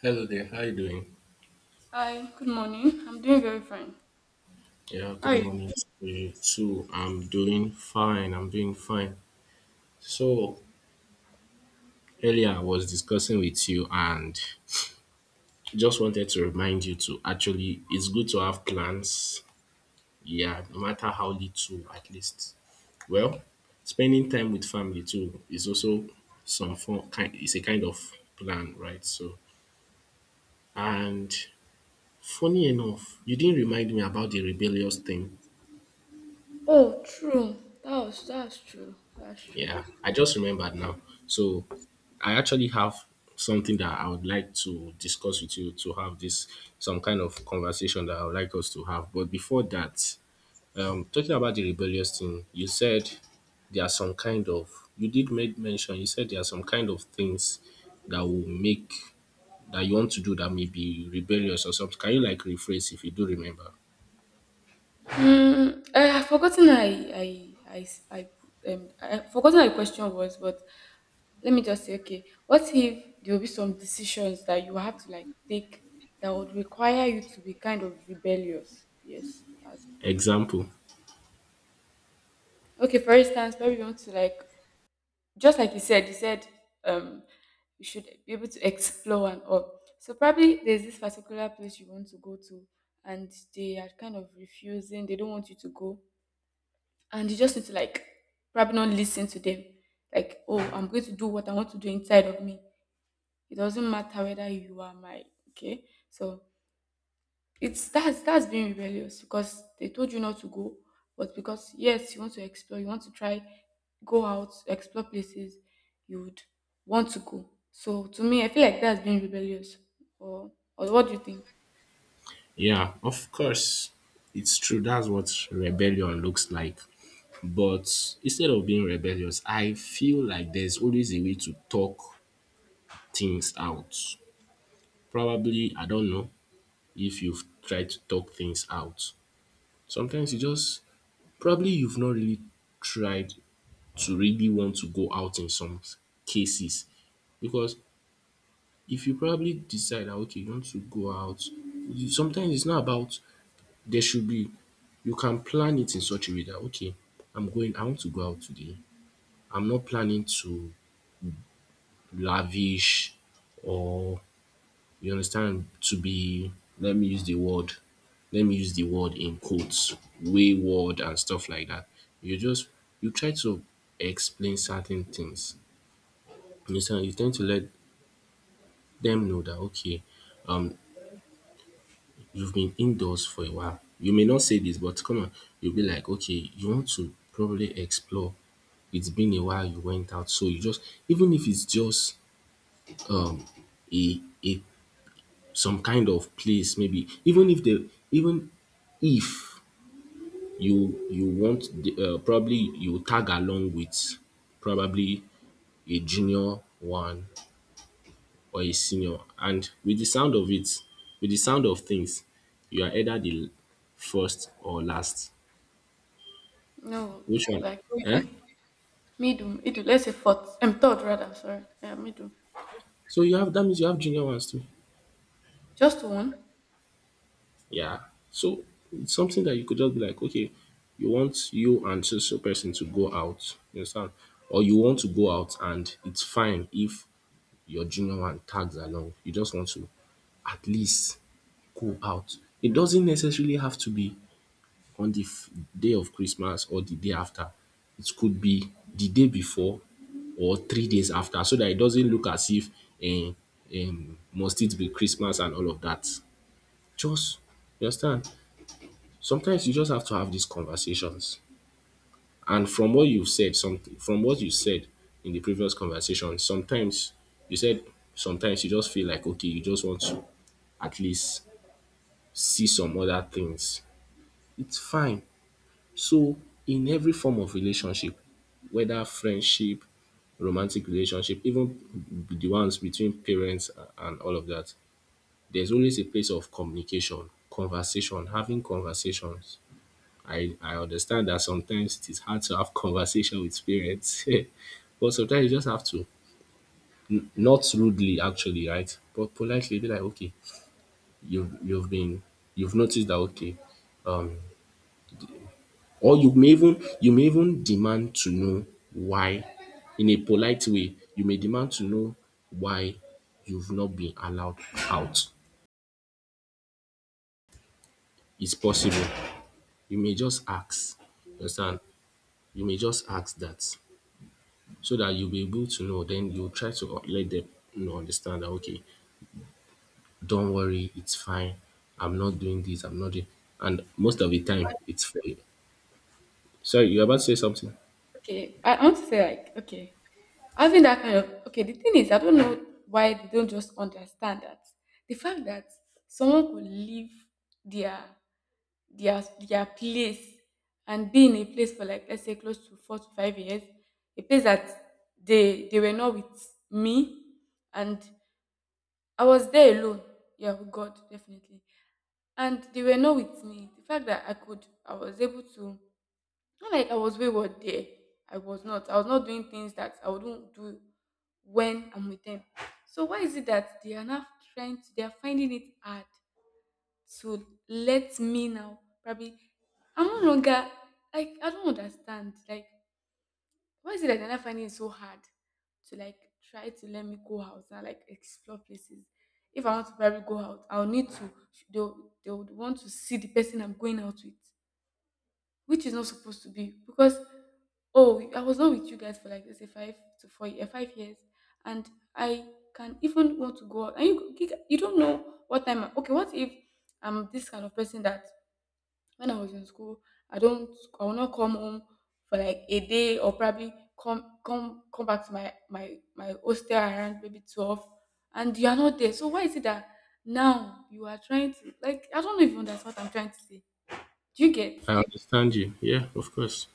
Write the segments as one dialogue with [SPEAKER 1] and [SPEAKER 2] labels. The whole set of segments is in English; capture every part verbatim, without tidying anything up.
[SPEAKER 1] Hello there, how you doing?
[SPEAKER 2] Hi, good morning. I'm doing very fine.
[SPEAKER 1] Yeah,
[SPEAKER 2] How
[SPEAKER 1] good
[SPEAKER 2] are you?
[SPEAKER 1] morning to you too. I'm doing fine, I'm doing fine. So, earlier I was discussing with you and just wanted to remind you to actually, it's good to have plans. Yeah, no matter how little, at least. Well, spending time with family too is also some form, kind, it's a kind of plan, right? So, and funny enough, you didn't remind me about the rebellious thing.
[SPEAKER 2] Oh, true. That was that's true. That's true.
[SPEAKER 1] Yeah, I just remembered now. So I actually have something that I would like to discuss with you to have this some kind of conversation that I would like us to have. But before that, um, talking about the rebellious thing, you said there are some kind of you did make mention. You said there are some kind of things that will make that you want to do that may be rebellious or something. Can you like rephrase if you do remember?
[SPEAKER 2] Mm, I have forgotten I I I s- I um I have forgotten how the question was, but let me just say, okay, what if there will be some decisions that you have to like take that would require you to be kind of rebellious? Yes, that's it.
[SPEAKER 1] Example.
[SPEAKER 2] Okay, for instance, maybe you want to like just like you said, you said um, you should be able to explore and all. So probably there's this particular place you want to go to, and they are kind of refusing. They don't want you to go, and you just need to like probably not listen to them. Like, oh, I'm going to do what I want to do inside of me. It doesn't matter whether you are my okay. So it's that's that's being rebellious because they told you not to go, but because yes, you want to explore, you want to try, go out, explore places, you would want to go. So to me, I feel like that's being rebellious. Or or what do you think?
[SPEAKER 1] Yeah, of course, it's true. That's what rebellion looks like. But instead of being rebellious, I feel like there's always a way to talk things out. Probably, I don't know if you've tried to talk things out. Sometimes you just, probably you've not really tried to really want to go out in some cases. Because if you probably decide that, okay, you want to go out, you- sometimes it's not about, there should be, you can plan it in such a way that, okay, I'm going, I want to go out today. I'm not planning to lavish or you understand to be, let me use the word let me use the word in quotes, wayward and stuff like that. You just, you try to explain certain things, you understand, you tend to let them know that okay, you've been indoors for a while, you may not say this but come on, you'll be like okay, you want to probably explore, it's been a while you went out, so you just, even if it's just a a some kind of place, maybe even if they, even if you you want the, uh, probably you tag along with probably a junior one or a senior. And with the sound of it, with the sound of things, you are either the first or last.
[SPEAKER 2] No,
[SPEAKER 1] Which one?
[SPEAKER 2] like me
[SPEAKER 1] Eh,
[SPEAKER 2] do, me do, me do. Let's say fourth, um, third rather. Sorry, yeah, me do.
[SPEAKER 1] so you have, that means you have junior ones too.
[SPEAKER 2] Just one.
[SPEAKER 1] Yeah. So it's something that you could just be like, okay, you want you and so so person to go out, you understand? Or you want to go out and it's fine if your junior one tags along. You just want to at least go out. It doesn't necessarily have to be on the f- day of Christmas or the day after. It could be the day before or three days after, so that it doesn't look as if, um, um, must it be Christmas and all of that. Just, you understand? Sometimes you just have to have these conversations. And from what you've said, something from what you said in the previous conversation, sometimes you said, sometimes you just feel like okay, you just want to at least see some other things. It's fine. So in every form of relationship, whether friendship, romantic relationship, even the ones between parents and all of that, there's always a place of communication, conversation, having conversations. I, I understand that sometimes it is hard to have conversation with parents, but sometimes you just have to, not rudely actually, right? But politely be like, okay, you've you've been, you've noticed that okay, um, or you may even you may even demand to know why, in a polite way, you may demand to know why you've not been allowed out. It's possible. You may just ask, you understand? You may just ask that so that you'll be able to know. Then you try to let them, you know, understand that okay, don't worry, it's fine. I'm not doing this. I'm not doing. And most of the time, it's fair. Sorry, you're about to say something.
[SPEAKER 2] Okay, I I want to say like okay. Having that kind of okay, the thing is, I don't know why they don't just understand that the fact that someone could leave their their their place and be in a place for like let's say close to four to five years, a place that they they were not with me, and I was there alone. Yeah, with God definitely, and they were not with me. The fact that I could, I was able to not like I was wayward there. I was not. I was not doing things that I wouldn't do when I'm with them. So why is it that they are now trying to, they are finding it hard to let me now probably I'm no longer like I don't understand. Like why is it that they're not finding it so hard to like try to let me go out and like explore places? If I want to probably go out, I'll need to they'll they'll want to see the person I'm going out with which is not supposed to be because oh I was not with you guys for like let's say five to four year, five years and I can even want to go out and you, you you don't know what time I- okay what if I'm this kind of person that when I was in school I don't I will not come home for like a day or probably come come come back to my my my hostel around maybe twelve and you are not there so why is it that now you are trying to like I don't even understand what I'm trying to say do you get
[SPEAKER 1] I understand you. Yeah, of course.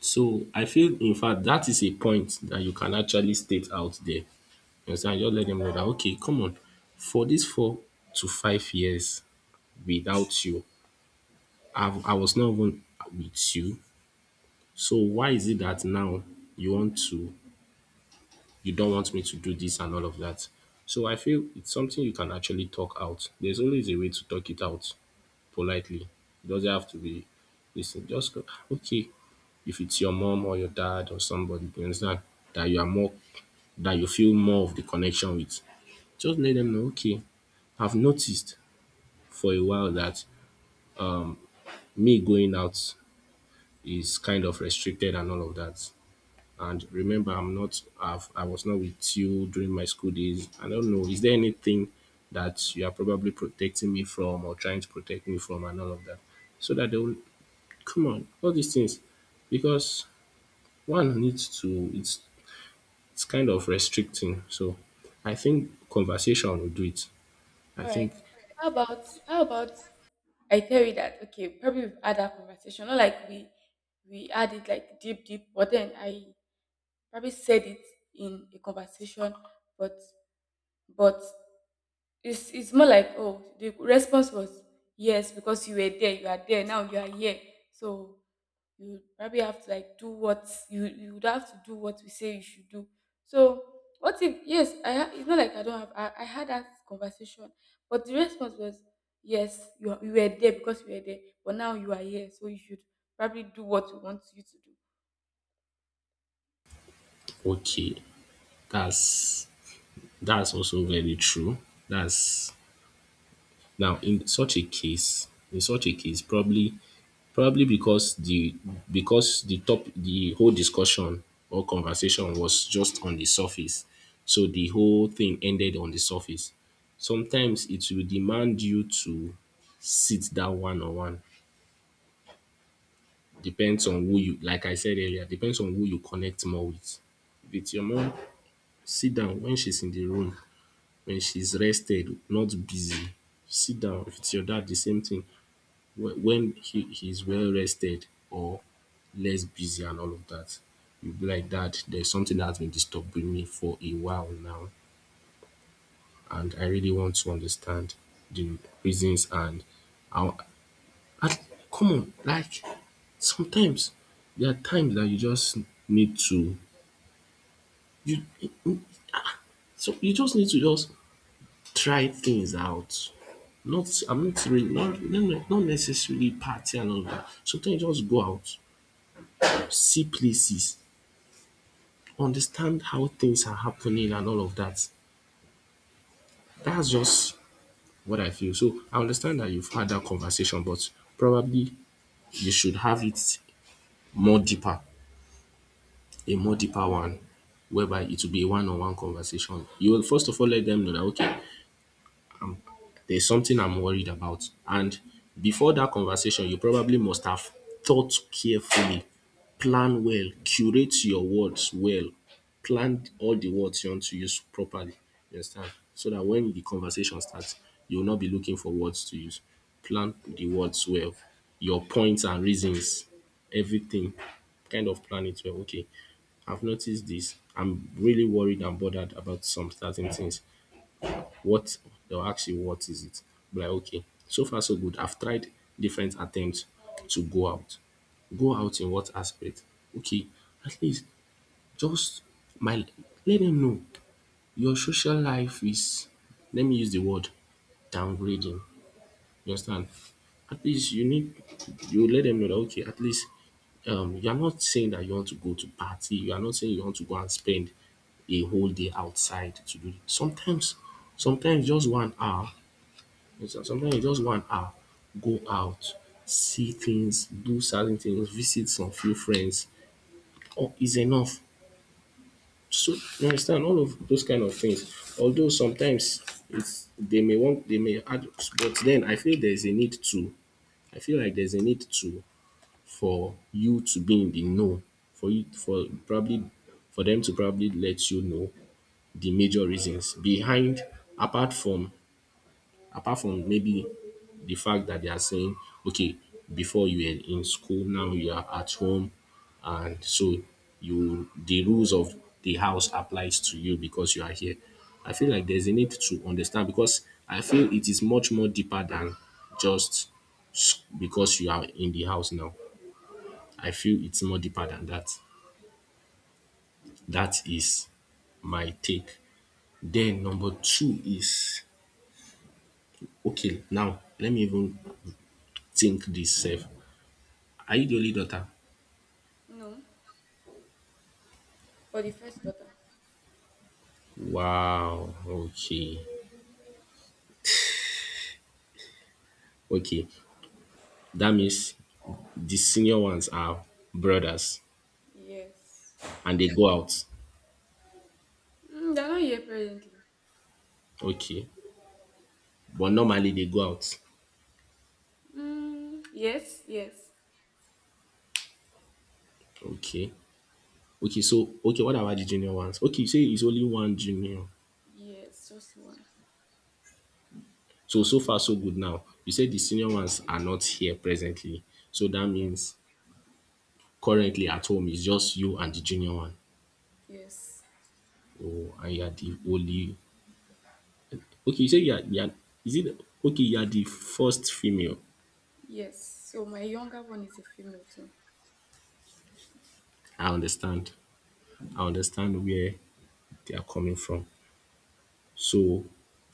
[SPEAKER 1] So I feel, in fact, that is a point that you can actually state out there. You understand? Just let them know that okay, come on, for these four to five years without you, I, I was not even with you. So why is it that now you want to, you don't want me to do this and all of that. So I feel it's something you can actually talk out. There's always a way to talk it out politely. It doesn't have to be listen. Just go, "Ah, okay, if it's your mom or your dad or somebody, you understand, that you are more, that you feel more of the connection with. Just let them know, okay, I've noticed for a while that me going out is kind of restricted and all of that. And remember, I'm not, I've, I was not with you during my school days. I don't know. Is there anything that you are probably protecting me from or trying to protect me from and all of that? So that they will come on, all these things. Because one needs to, it's, it's kind of restricting. So I think conversation will do it. I
[SPEAKER 2] All right.
[SPEAKER 1] think,
[SPEAKER 2] How about how about I tell you that okay, probably we've had that conversation. Not like we we had it like deep, deep, but then I probably said it in a conversation, but but it's it's more like oh the response was yes because you were there you are there now you are here so you probably have to like do what you you would have to do what we say you should do so what if yes i ha- it's not like I don't have I, I had that conversation but the response was yes you, are- you were there because you were there but now you are here so you should probably do what we want you to do.
[SPEAKER 1] okay, that's, that's also very true. That's, now in such a case, in such a case, probably. Probably because the, because the top, the whole discussion or conversation was just on the surface. So the whole thing ended on the surface. Sometimes it will demand you to sit down one on one. Depends on who you, like I said earlier, depends on who you connect more with. With your mom, sit down when she's in the room, when she's rested, not busy. Sit down. With your dad, the same thing. Whe- when he, he's well rested or less busy and all of that, you'll be like, Dad, there's something that's been disturbing me for a while now, and I really want to understand the reasons. And I, I come on, like sometimes there are times that you just need to, you, so you just need to just try things out. Not, I'm not really, not not not necessarily party and all of that. Sometimes you just go out, see places, understand how things are happening and all of that. That's just what I feel. So I understand that you've had that conversation, but probably you should have it more deeper, a more deeper one, whereby it will be a one on one conversation. You will first of all let them know that okay, there's something I'm worried about. And before that conversation, you probably must have thought carefully, plan well, curate your words well, plan all the words you want to use properly. You understand? So that when the conversation starts, you will not be looking for words to use. Plan the words well, your points and reasons, everything. Kind of plan it well. Okay, I've noticed this. I'm really worried and bothered about some certain things, what, they'll ask you what is it. Be like okay, so far so good. I've tried different attempts to go out. Go out in what aspect? Okay, at least just my, let them know your social life is, let me use the word, downgrading. You understand? At least you need, you let them know that okay, at least um you are not saying that you want to go to party, you are not saying you want to go and spend a whole day outside to do it. sometimes sometimes just one hour. Yes, sometimes you just want ah, go out, see things, do certain things, visit some few friends or is enough. So you understand all of those kind of things. Although sometimes it's they may want, they may add, but then I feel there's a need to, I feel like there's a need to, for you to be in the know, for you, for probably for them to probably let you know the major reasons behind, apart from, apart from maybe the fact that they are saying, okay, before you were in school, now you are at home, and so you, the rules of the house applies to you because you are here. I feel like there's a need to understand because I feel it is much more deeper than just s- because you are in the house now. I feel it's more deeper than that. That is my take. Then number two is okay. Now let me even think this self. Are you the only daughter?
[SPEAKER 2] No, for the first daughter.
[SPEAKER 1] Wow. Okay. Okay. That means the senior ones are brothers
[SPEAKER 2] Yes.
[SPEAKER 1] and they, yeah, go out.
[SPEAKER 2] Mm, they're not here presently.
[SPEAKER 1] Okay. But normally they go out.
[SPEAKER 2] Mm, yes yes.
[SPEAKER 1] Okay. Okay. So, okay. What about the junior ones? Okay. You say it's only one junior.
[SPEAKER 2] Yes, just one.
[SPEAKER 1] So, so far, so good now. You say the senior ones are not here presently. So that
[SPEAKER 2] Yeah.
[SPEAKER 1] means currently at home it's just you and the junior one.
[SPEAKER 2] Yes.
[SPEAKER 1] Oh, and you are the only. Okay. You say you are, you are is it okay? You are the first female.
[SPEAKER 2] Yes. So my younger one is a female too.
[SPEAKER 1] I understand. I understand where they are coming from. So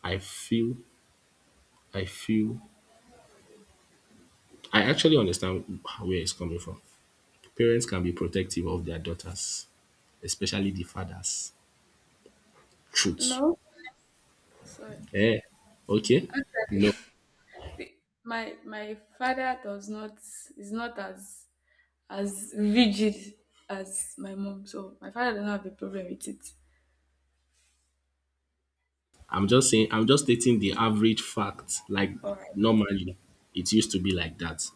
[SPEAKER 1] I feel I feel I actually understand where it's coming from. Parents can be protective of their daughters, especially the fathers. Truth.
[SPEAKER 2] No, sorry.
[SPEAKER 1] Eh. Okay. No.
[SPEAKER 2] The- My my father does not is not as as rigid as my mom. So my father does not have a problem with it.
[SPEAKER 1] I'm just saying, I'm just stating the average fact. Like
[SPEAKER 2] All right.
[SPEAKER 1] normally, it used to be like that.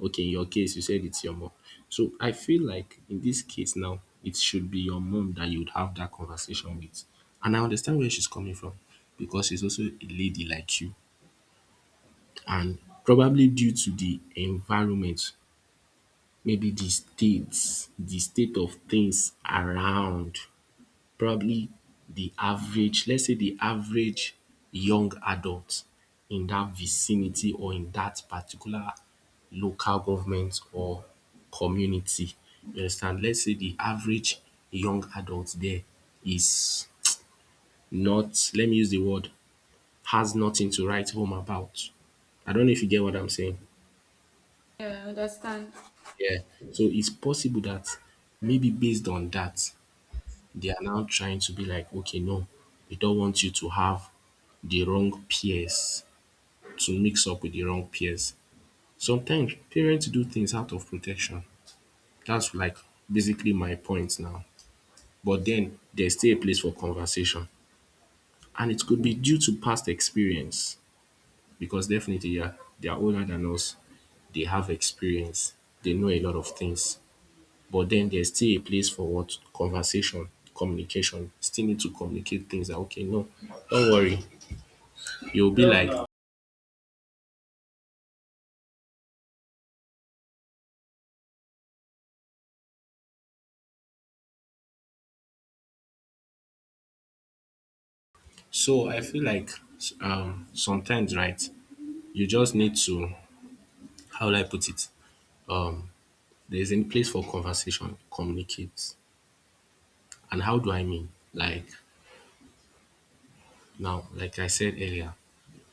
[SPEAKER 1] Okay, in your case, you said it's your mom. So I feel like in this case now, it should be your mom that you'd have that conversation with. And I understand where she's coming from because she's also a lady like you. And probably due to the environment, maybe the states, the state of things around probably the average, let's say the average young adult in that vicinity or in that particular local government or community. You understand? Let's say the average young adult there is not, let me use the word, has nothing to write home about. I don't know if you get what I'm saying.
[SPEAKER 2] Yeah, I understand.
[SPEAKER 1] Yeah. So it's possible that maybe based on that, they are now trying to be like, okay, no, we don't want you to have the wrong peers, to mix up with the wrong peers. Sometimes parents do things out of protection. That's like basically my point now. But then there's still a place for conversation. And it could be due to past experience because definitely yeah, they are older than us. They have experience. They know a lot of things. But then there's still a place for what? Conversation, communication. Still need to communicate things that okay, no, don't worry. You'll be like so I feel like um sometimes right you just need to how do I put it um there's a place for conversation communicate and how do I mean like now like I said earlier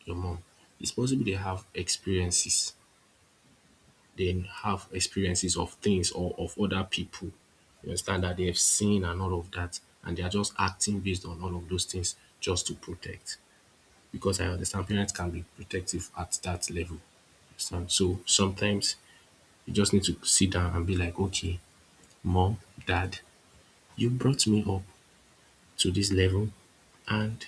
[SPEAKER 1] your mom it's possible they have experiences they have experiences of things or of other people you understand that they have seen and all of that and they are just acting based on all of those things just to protect because I understand parents can be protective at that level. Understand? So sometimes you just need to sit down and be like, okay, mom, dad, you brought me up to this level, and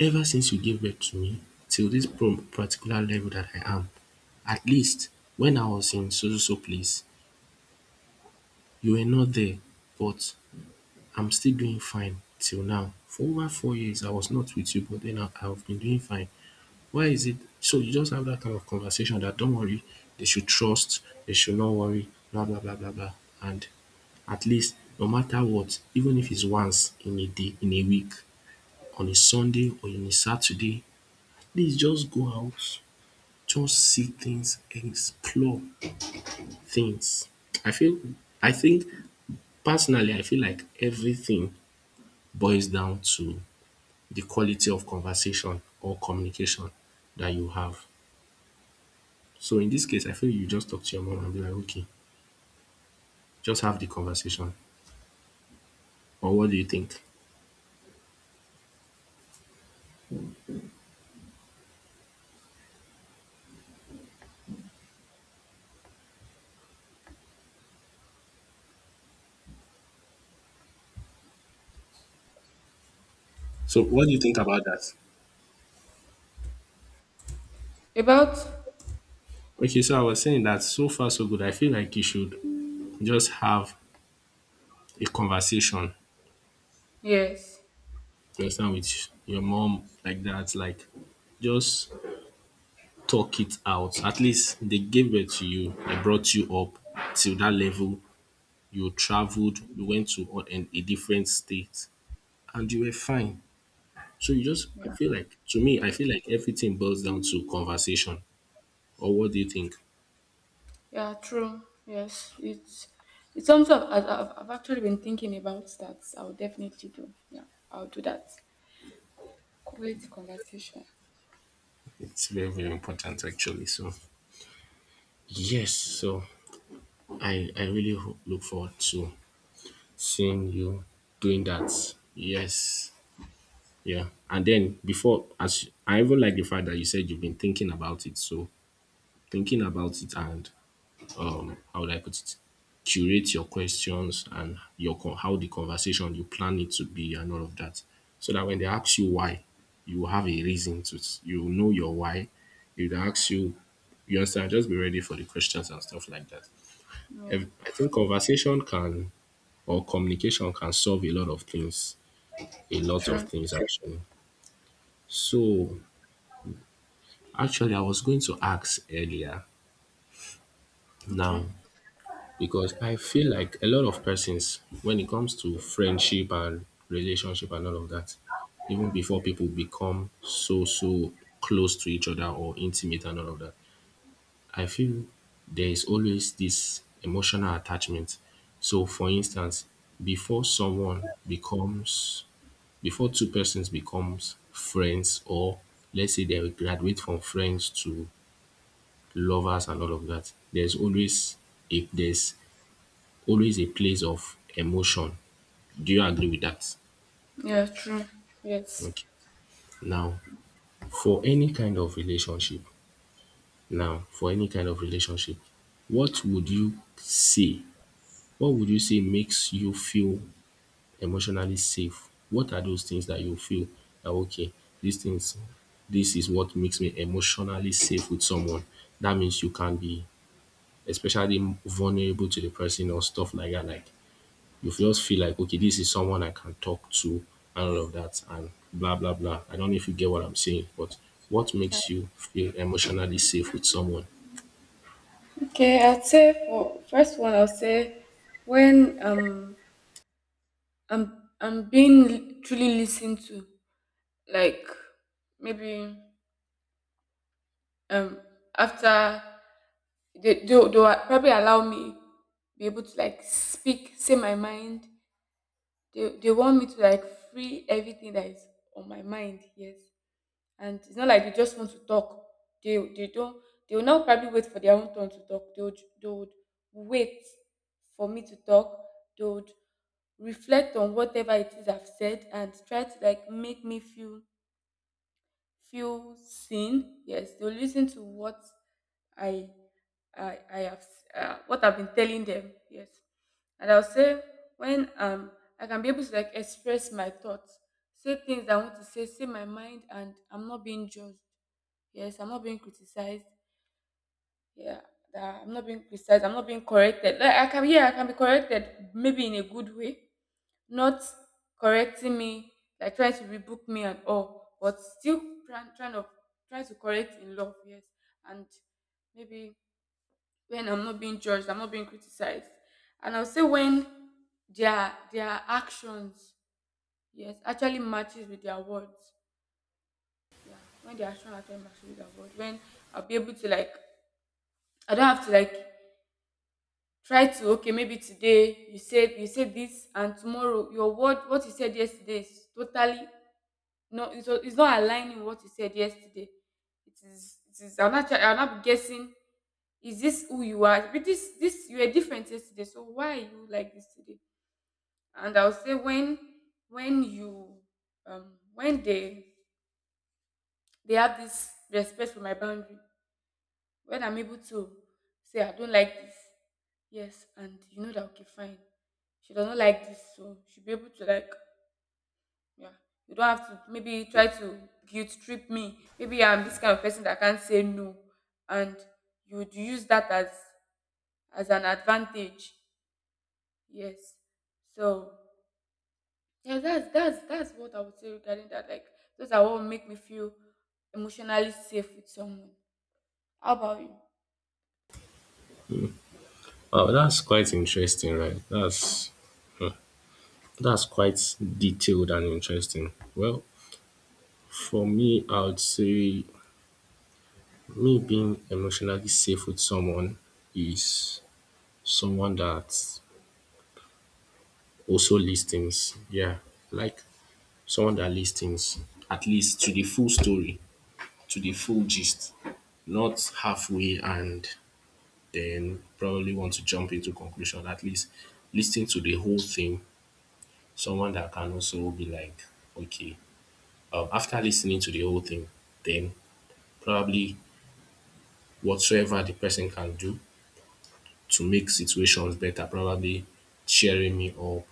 [SPEAKER 1] ever since you gave birth to me till this pro- particular level that I am, at least when I was in so so so place, you were not there, but I'm still doing fine till now. For over four years, I was not with you, but then I, I've been doing fine. Why is it? So you just have that kind of conversation that don't worry, they should trust, they should not worry, blah blah blah blah blah. And at least no matter what, even if it's once in a day, in a week, on a Sunday or in a Saturday, please just go out, just see things, explore things. I feel I think personally I feel like everything boils down to the quality of conversation or communication that you have. So in this case, I feel you just talk to your mom and be like, okay, just have the conversation. Or what do you think? So what do you think about that?
[SPEAKER 2] About
[SPEAKER 1] Okay, so I was saying that so far so good. I feel like you should just have a conversation.
[SPEAKER 2] yes.
[SPEAKER 1] You understand with your mom like that, like just talk it out. At least they gave birth to you, they brought you up till that level. You traveled, you went to o- an- a different state, and you were fine. So you just, I
[SPEAKER 2] Yeah.
[SPEAKER 1] feel like, to me, I feel like everything boils down to conversation. Or what do you think?
[SPEAKER 2] Yeah, true. Yes. It's it's something I've, I've, I've actually been thinking about that. I'll definitely do. Yeah, I'll do that. Great conversation.
[SPEAKER 1] It's very, very important, actually. So, yes. So I, I really ho- look forward to seeing you doing that. Yes. Yeah. And then before, as I even like the fact that you said you've been thinking about it. So thinking about it and um how would I put it? Curate your questions and your con- how the conversation you plan it to be and all of that. So that when they ask you why, you have a reason to s- you know your why. If they ask you, you understand, just be ready for the questions and stuff like that.
[SPEAKER 2] Yeah.
[SPEAKER 1] Ev- I think conversation can or communication can solve a lot of things. A lot of
[SPEAKER 2] True.
[SPEAKER 1] things actually. So actually I was going to ask earlier now
[SPEAKER 2] Okay.
[SPEAKER 1] because I feel like a lot of persons, when it comes to friendship and relationship and all of that, even before people become so, so close to each other or intimate and all of that, I feel there is always this emotional attachment. So, for instance, before someone becomes, before two persons becomes friends or let's say they graduate from friends to lovers and all of that, there's always if there's always a place of emotion. Do you agree with that?
[SPEAKER 2] Yeah, true. Yes.
[SPEAKER 1] Okay. Now, for any kind of relationship, now, for any kind of relationship, what would you say? What would you say makes you feel emotionally safe? What are those things that you feel that okay, these things, this is what makes me emotionally safe with someone? That means you can be especially vulnerable to the person or stuff like that. Like you just feel like okay, this is someone I can talk to and all of that and blah blah blah. I don't know if you get what I'm saying, but what
[SPEAKER 2] Yeah.
[SPEAKER 1] makes you feel emotionally safe with someone?
[SPEAKER 2] Okay, I'd say for first one, I'll say when um I'm I'm being li- truly listened to, like maybe um after they they will- they will probably allow me be able to like speak, say my mind. They they want me to like free everything that is on my mind. Yes. And it's not like they just want to talk. They they don't they will not probably wait for their own turn to talk. They would they would wait for me to talk. They would reflect on whatever it is I've said and try to like make me feel feel seen. Yes, they'll listen to what I I I have s- uh, what I've been telling them. Yes, and I'll say when um I can be able to like express my thoughts, say things I want to say, say my mind, and I'm not being judged. Yes, I'm not being criticized. Yeah, that I'm not being criticized. I'm not being corrected. Like I can, yeah, I can be corrected, maybe in a good way, not correcting me, like trying to rebuke me and all, but still trying, trying to trying to correct in love. Yes, and maybe when I'm not being judged, I'm not being criticized, and I'll say when their their actions, yes, actually matches with their words. Yeah, when their action actually matches with their word, when I'll be able to like I don't have to like try to okay maybe today you said you said this and tomorrow your word what you said yesterday is totally no it's, it's not aligning what you said yesterday it is it is i'm not try- I'm not guessing is this who you are but this this you were different yesterday so why are you like this today and I'll say when when you um when they they have this respect for my boundary when I'm able to say I don't like this, yes, and you know that okay, fine. She does not like this, so she'll be able to like, yeah. You don't have to maybe try to guilt trip me. Maybe I'm this kind of person that can't say no, and you would use that as as an advantage. Yes. So yeah, that's that's that's what I would say regarding that. Like those are what make me feel emotionally safe with someone. How about you?
[SPEAKER 1] Wow, that's quite interesting, right? That's hmm, that's quite detailed and interesting. Well, for me, I would say me being emotionally safe with someone is someone that also listens. Yeah, like someone that listens at least to the full story. To the full gist, not halfway and then probably want to jump into conclusion. At least listening to the whole thing, someone that can also be like, okay, um, after listening to the whole thing, then probably whatsoever the person can do to make situations better, probably cheering me up,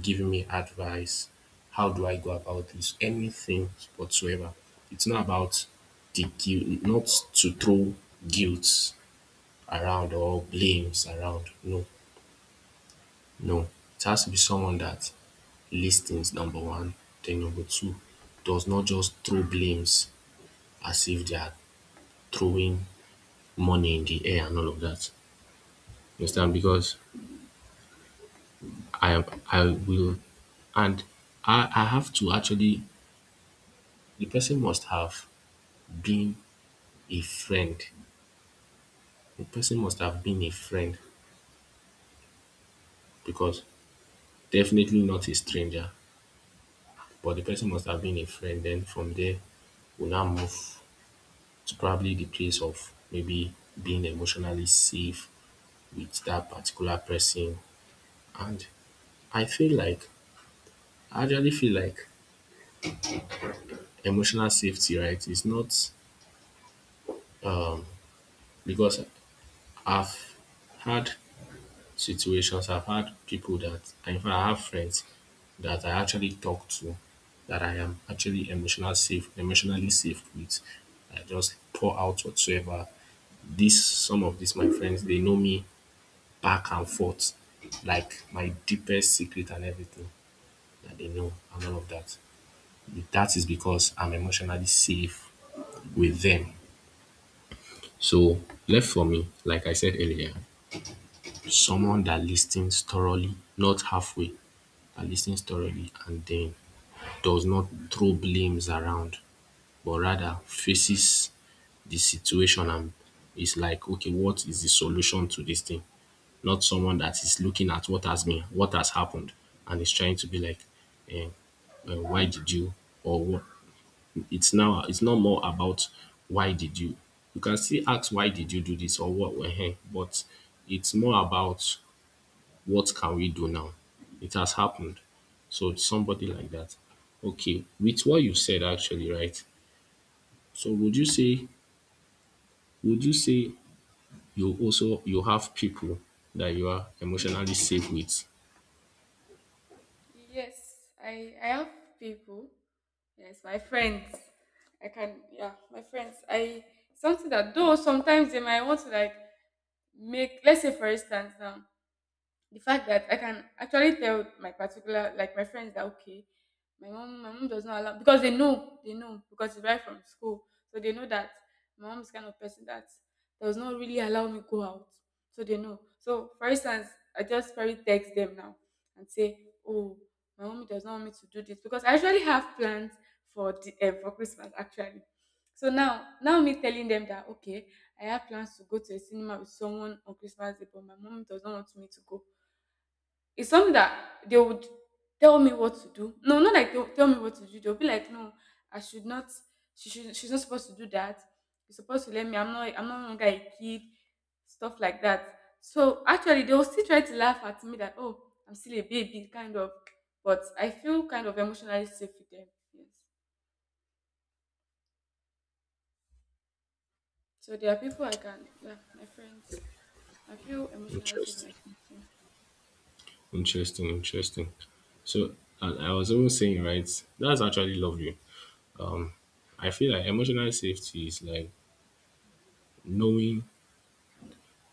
[SPEAKER 1] giving me advice. How do I go about this? Anything whatsoever. It's not about the guilt, not to throw guilt around or blames around. No, no. It has to be someone that listens, number one. Then number two, does not just throw blames as if they are throwing money in the air and all of that. You understand? Because I I will and I, I have to actually the person must have been a friend. The person must have been a friend because definitely not a stranger, but the person must have been a friend. Then from there, we now move It's probably the place of maybe being emotionally safe with that particular person. And I feel like, I actually feel like emotional safety, right, is not because I've had situations, I've had people that, in fact, I have friends that I actually talk to that I am actually emotional safe, emotionally safe with. I just pour out whatsoever. This some of these my friends, they know me back and forth, like my deepest secret and everything that they know and all of that. That is because I'm emotionally safe with them. So left for me, like I said earlier, someone that listens thoroughly, not halfway, that listens thoroughly and then does not throw blames around, but rather faces the situation and is like, okay, what is the solution to this thing? Not someone that is looking at what has been what has happened and is trying to be like eh, eh, why did you or what it's now it's not more about why did you you can still ask why did you do this or what eh, eh, but it's more about what can we do now it has happened so it's somebody like that okay with what you said actually right so would you say would you say you also you have people that you are emotionally safe with
[SPEAKER 2] Yes, I I have people. Yes, my friends. I can yeah, my friends. I something that though sometimes they might want to like make let's say for instance now the fact that I can actually tell my particular like my friends that okay, my mom my mom does not allow because they know they know because it's right from school, so they know that my mom is kind of person that does not really allow me go out, so they know. So for instance, I just probably text them now and say, oh, my mommy does not want me to do this because I actually have plans for the, uh, for Christmas actually. So now, now me telling them that okay, I have plans to go to a cinema with someone on Christmas Day, but my mom does not want me to go. It's something that they would tell me what to do. No, not like they'll tell me what to do. They'll be like, no, I should not. She should. She's not supposed to do that. You're supposed to let me. I'm not. I'm no longer a kid. Stuff like that. So actually, they'll still try to laugh at me that oh, I'm still a baby, kind of. But I feel kind of emotionally safe with them. Yes. So there are people I can. Yeah, my friends. I feel emotionally safe
[SPEAKER 1] interest
[SPEAKER 2] with. My
[SPEAKER 1] Interesting, interesting. So, and I was always saying, right, that's actually lovely. Um, I feel like emotional safety is like knowing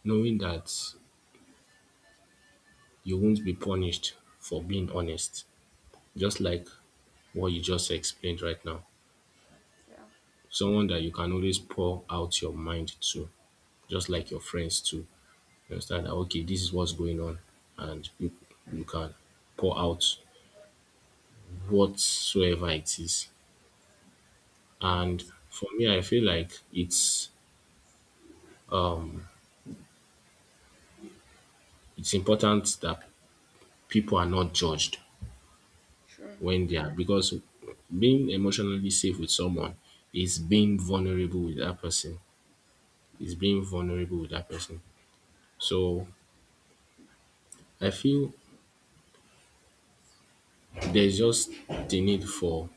[SPEAKER 1] knowing that you won't be punished for being honest, just like what you just explained right now.
[SPEAKER 2] friends. Yeah.
[SPEAKER 1] Someone that you can always pour out your mind to, just like your friends too. You understand that okay, this is what's going on, and you you can pour out whatsoever it is. And
[SPEAKER 2] Yes.
[SPEAKER 1] for me, I feel like it's it's important that people are not judged
[SPEAKER 2] Sure.
[SPEAKER 1] when they are because being emotionally safe with someone is being vulnerable with that person is being vulnerable with that person so I feel there's just the need for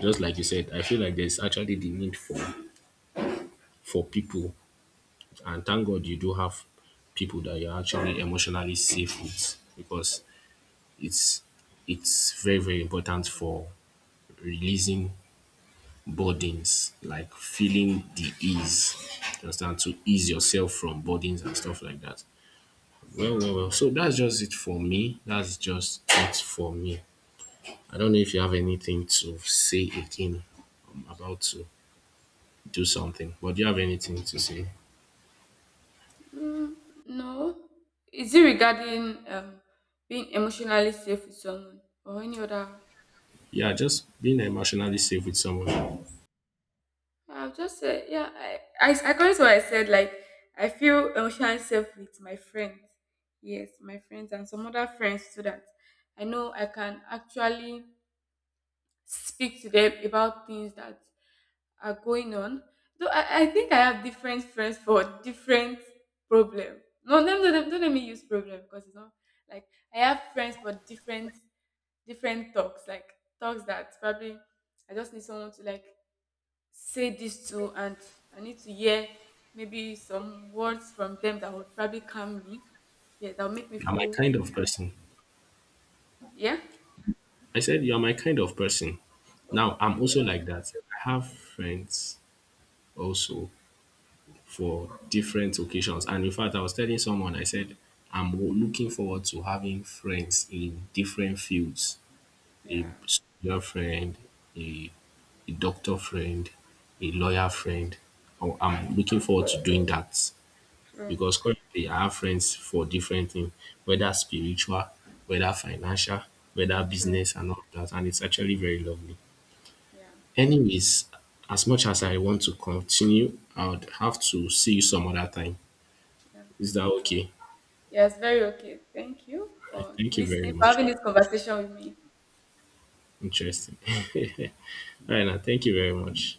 [SPEAKER 1] just like you said I feel like there's actually the need for for people and thank god you do have people that you're actually emotionally safe with because it's it's very, very important for releasing burdens, like feeling the ease. You understand? To ease yourself from burdens and stuff like that. Well, well, well. So that's just it for me. That's just it for me. I don't know if you have anything to say again. I'm about to do something, but do you have anything to say?
[SPEAKER 2] Mm, no. Is it regarding um, being emotionally safe with someone or any other?
[SPEAKER 1] Yeah, just being emotionally safe with someone.
[SPEAKER 2] I've just said, yeah, I, I, according to what I said, like, I feel emotionally safe with my friends. Yes, my friends and some other friends so that I know I can actually speak to them about things that are going on. Though I, I think I have different friends for different problem. No, no, no, no, don't let me use problem because it's not like I have friends for different different talks, like talks that probably I just need someone to like say this to and I need to hear maybe some words from them that would probably calm me. Yeah, that would make me
[SPEAKER 1] You're my
[SPEAKER 2] feel
[SPEAKER 1] kind of
[SPEAKER 2] good.
[SPEAKER 1] person.
[SPEAKER 2] Yeah.
[SPEAKER 1] I said you're my kind of person. Now
[SPEAKER 2] Oh,
[SPEAKER 1] I'm also
[SPEAKER 2] so
[SPEAKER 1] like that. I have friends also for different occasions. And in fact, I was telling someone, I said, I'm w- looking forward to having friends in different fields a
[SPEAKER 2] yeah,
[SPEAKER 1] soldier friend, a, a doctor friend, a lawyer friend. I- I'm looking forward to doing that
[SPEAKER 2] true,
[SPEAKER 1] because currently I have friends for different things, whether spiritual, whether financial, whether
[SPEAKER 2] true.
[SPEAKER 1] business, and all that. And it's actually very lovely.
[SPEAKER 2] Yeah.
[SPEAKER 1] Anyways, as much as I want to continue, I would have to see you some other time.
[SPEAKER 2] Yeah.
[SPEAKER 1] Is that
[SPEAKER 2] All right.
[SPEAKER 1] okay?
[SPEAKER 2] Yeah, very okay. Thank you
[SPEAKER 1] All right.
[SPEAKER 2] for
[SPEAKER 1] Thank you very
[SPEAKER 2] listening, for
[SPEAKER 1] much.
[SPEAKER 2] having this conversation with me.
[SPEAKER 1] Interesting. All right, now. Thank you very much.